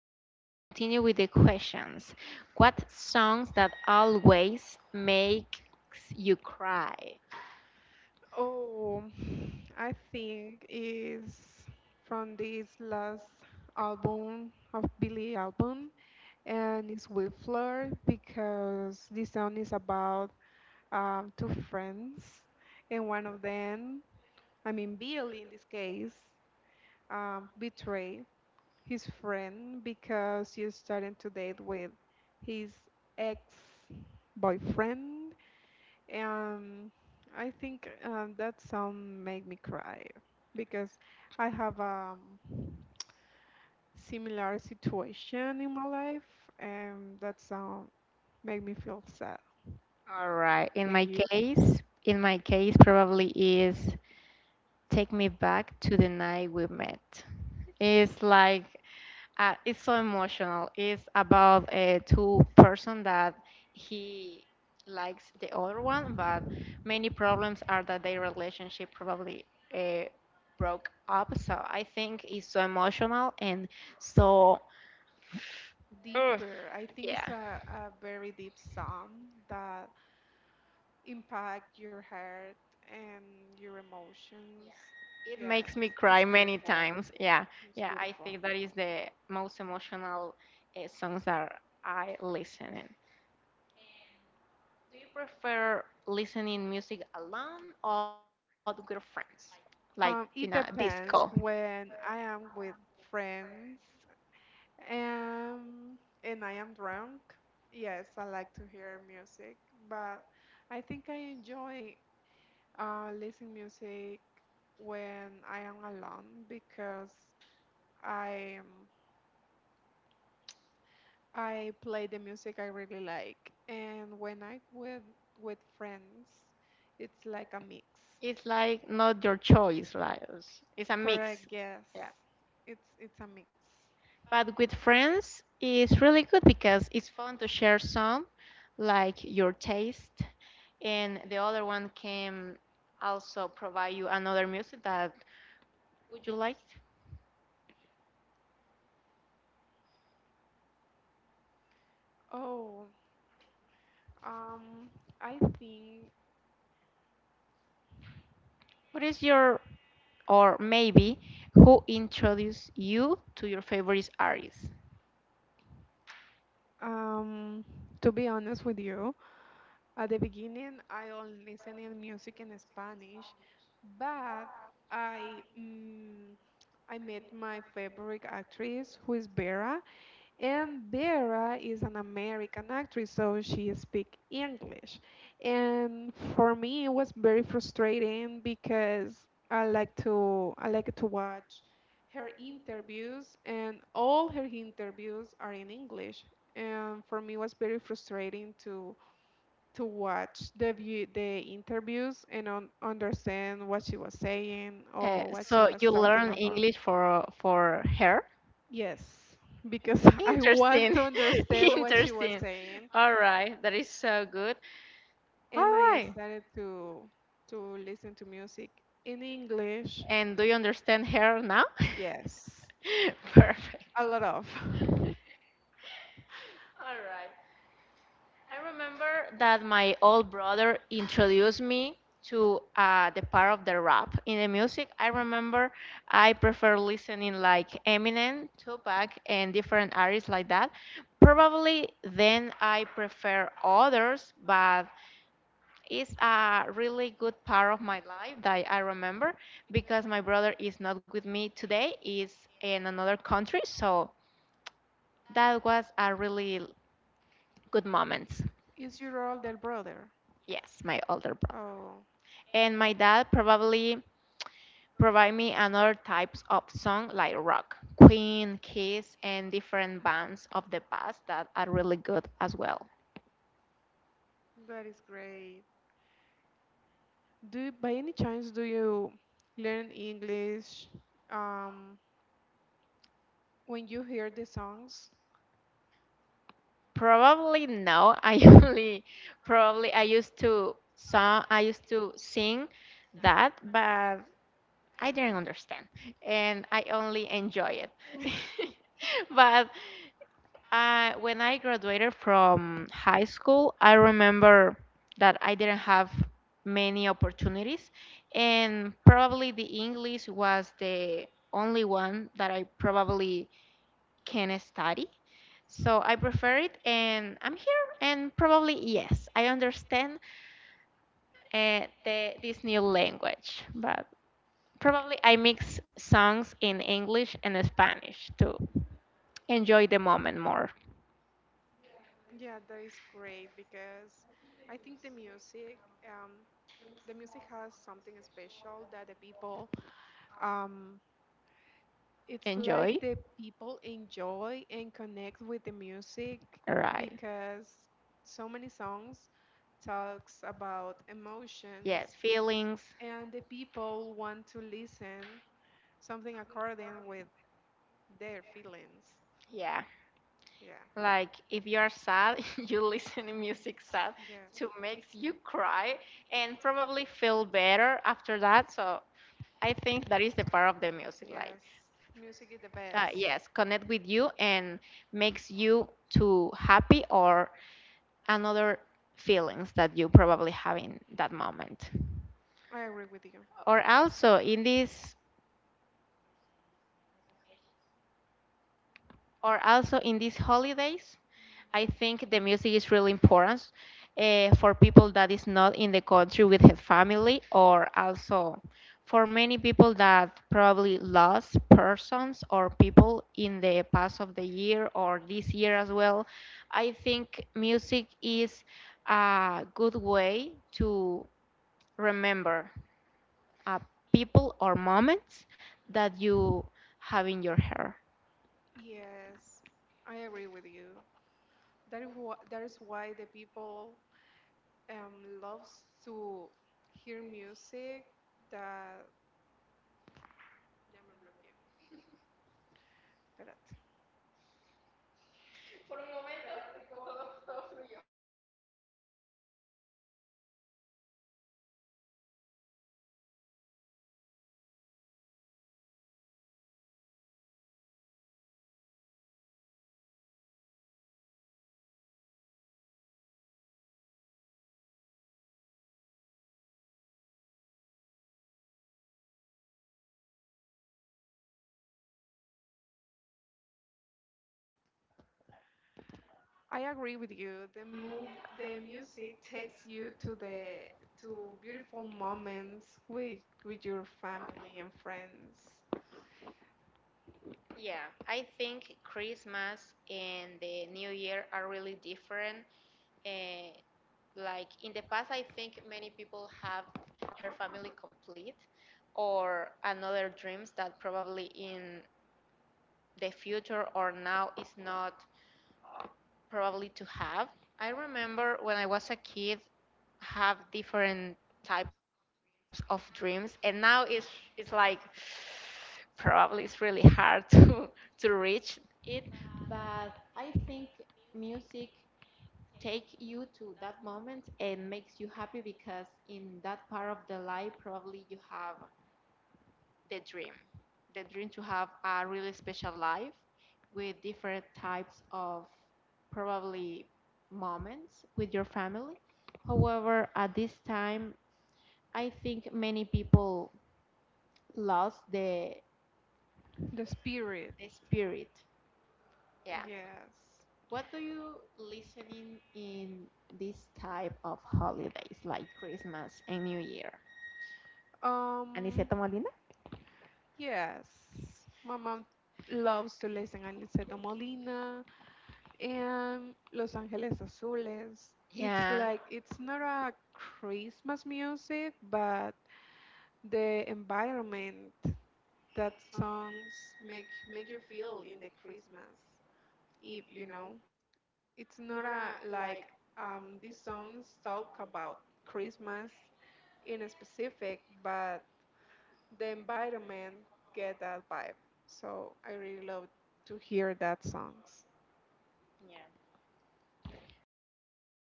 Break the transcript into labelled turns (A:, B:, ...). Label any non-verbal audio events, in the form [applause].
A: and continue with the questions. What songs that always makes you cry?
B: Oh, I think is from this last album of Billy album, and it's with Fleur because this song is about two friends, and one of them, I mean Billy in this case, betrayed his friend because he started to date with his ex boyfriend, and I think that song made me cry because I have a similar situation in my life, and that song made me feel sad.
A: All right,
B: And you?
A: in my case probably is take me back to the night we met. It's like it's so emotional. It's about two person that he likes the other one, but many problems are that their relationship probably uh, broke up. So I think it's so emotional and so [sighs] Ugh.
B: Deeper. I think it's
A: Yeah.
B: a very deep song that impact your heart and your emotions.
A: It
B: Yes,
A: makes me
B: it's
A: cry many
B: beautiful.
A: times. Yeah,
B: It's
A: yeah. I
B: beautiful.
A: think that is the most emotional songs that I listen in. Do you prefer listening music alone or with your friends, like in a
B: It
A: disco?
B: depends when I am with friends and I am drunk. Yes, I like to hear music, but I think I enjoy listening music when I am alone because I um, I play the music I really like, and when I with friends, it's like a mix.
A: It's like not your choice, like it's a
B: Correct,
A: mix.
B: yes.
A: Yeah,
B: It's a mix.
A: but with friends, it's really good because it's fun to share some, like your taste, and the other one can also provide you another music that would you like?
B: Oh, um, I think
A: What is your, or maybe, who introduced you to your favorite artist?
B: Um, to be honest with you, at the beginning I only listened in music in Spanish, but I I met my favorite actress who is Vera, and Vera is an American actress, so she speaks English. And for me, it was very frustrating because I like to watch her interviews, and all her interviews are in English. And for me, it was very frustrating to watch the interviews and un understand what she was saying
A: Uh,
B: or what she
A: so
B: was
A: you
B: talking
A: learn
B: about.
A: English for her?
B: Yes, because [laughs] I want
A: Interesting.
B: to
A: [laughs]
B: understand what she was
A: Interesting.
B: saying,
A: All right. That is so good. All
B: and I
A: right.
B: started to listen to music in English.
A: And do you understand her now?
B: Yes,
A: [laughs] Perfect.
B: a lot of. [laughs]
A: All right. I remember that my old brother introduced me to the part of the rap in the music. I remember I prefer listening like Eminem, Tupac, and different artists like that. Probably then I prefer others, but it's a really good part of my life that I remember because my brother is not with me today; is in another country, so that was a really good moment.
B: Is your older brother?
A: Yes, my older brother
B: Oh,
A: and my dad probably provide me another types of song like rock, Queen, Kiss, and different bands of the past that are really good as well.
B: that is great. Do by any chance do you learn English um, when you hear the songs?
A: Probably no, I [laughs] only probably I used to song I used to sing that, but I didn't understand, and I only enjoy it. [laughs] But I, when I graduated from high school, I remember that I didn't have many opportunities, and probably the English was the only one that I probably can study. So I prefer it, and I'm here, and probably yes, I understand this new language, but probably I mix songs in English and Spanish to enjoy the moment more.
B: Yeah, that is great because I think um, the music has something special that the people, um, it's like
A: Enjoy,
B: the people enjoy and connect with the music
A: right?
B: because so many songs talks about emotions
A: Yes, feelings.
B: and the people want to listen something according with their feelings.
A: Yeah.
B: Yeah,
A: Like if you're sad, [laughs] you listen to music sad
B: yeah.
A: to makes you cry and probably feel better after that. So I think that is the part of the music like
B: Yes, music is the best.
A: yes, connect with you and makes you to happy or another feelings that you probably have in that moment.
B: I agree with you.
A: Or also in this or also in these holidays, I think the music is really important for people that is not in the country with her family or also for many people that probably lost persons or people in the past of the year or this year as well. I think music is a good way to remember uh, people or moments that you have in your hair.
B: Yes, I agree with you. That is why the people loves to hear music that... Ya me bloqueé. Espérate. I agree with you. The music takes you to the to beautiful moments with your family and friends.
A: Yeah, I think Christmas and the New Year are really different. Uh, like in the past, I think many people have her family complete or another dreams that probably in the future or now is not probably to have. I remember when I was a kid have different types of dreams and now it's like [sighs] probably it's really hard [laughs] to reach it, but I think music take you to that moment and makes you happy because in that part of the life probably you have the dream the dream to have a really special life with different types of probably moments with your family. However, at this time I think many people lost the,
B: The spirit.
A: the spirit. Yeah,
B: Yes.
A: what do you listening in this type of holidays like Christmas and New Year?
B: Um,
A: Aniceto Molina?
B: Yes, my mom loves to listen a Molina and Los Angeles Azules. It's like it's
A: Yeah.
B: not a Christmas music, but the environment that songs make you feel in the Christmas Eve, you know. It's not a like these songs talk about Christmas in a specific, but the environment get that vibe. So I really love to hear that songs.
A: Yeah. Okay.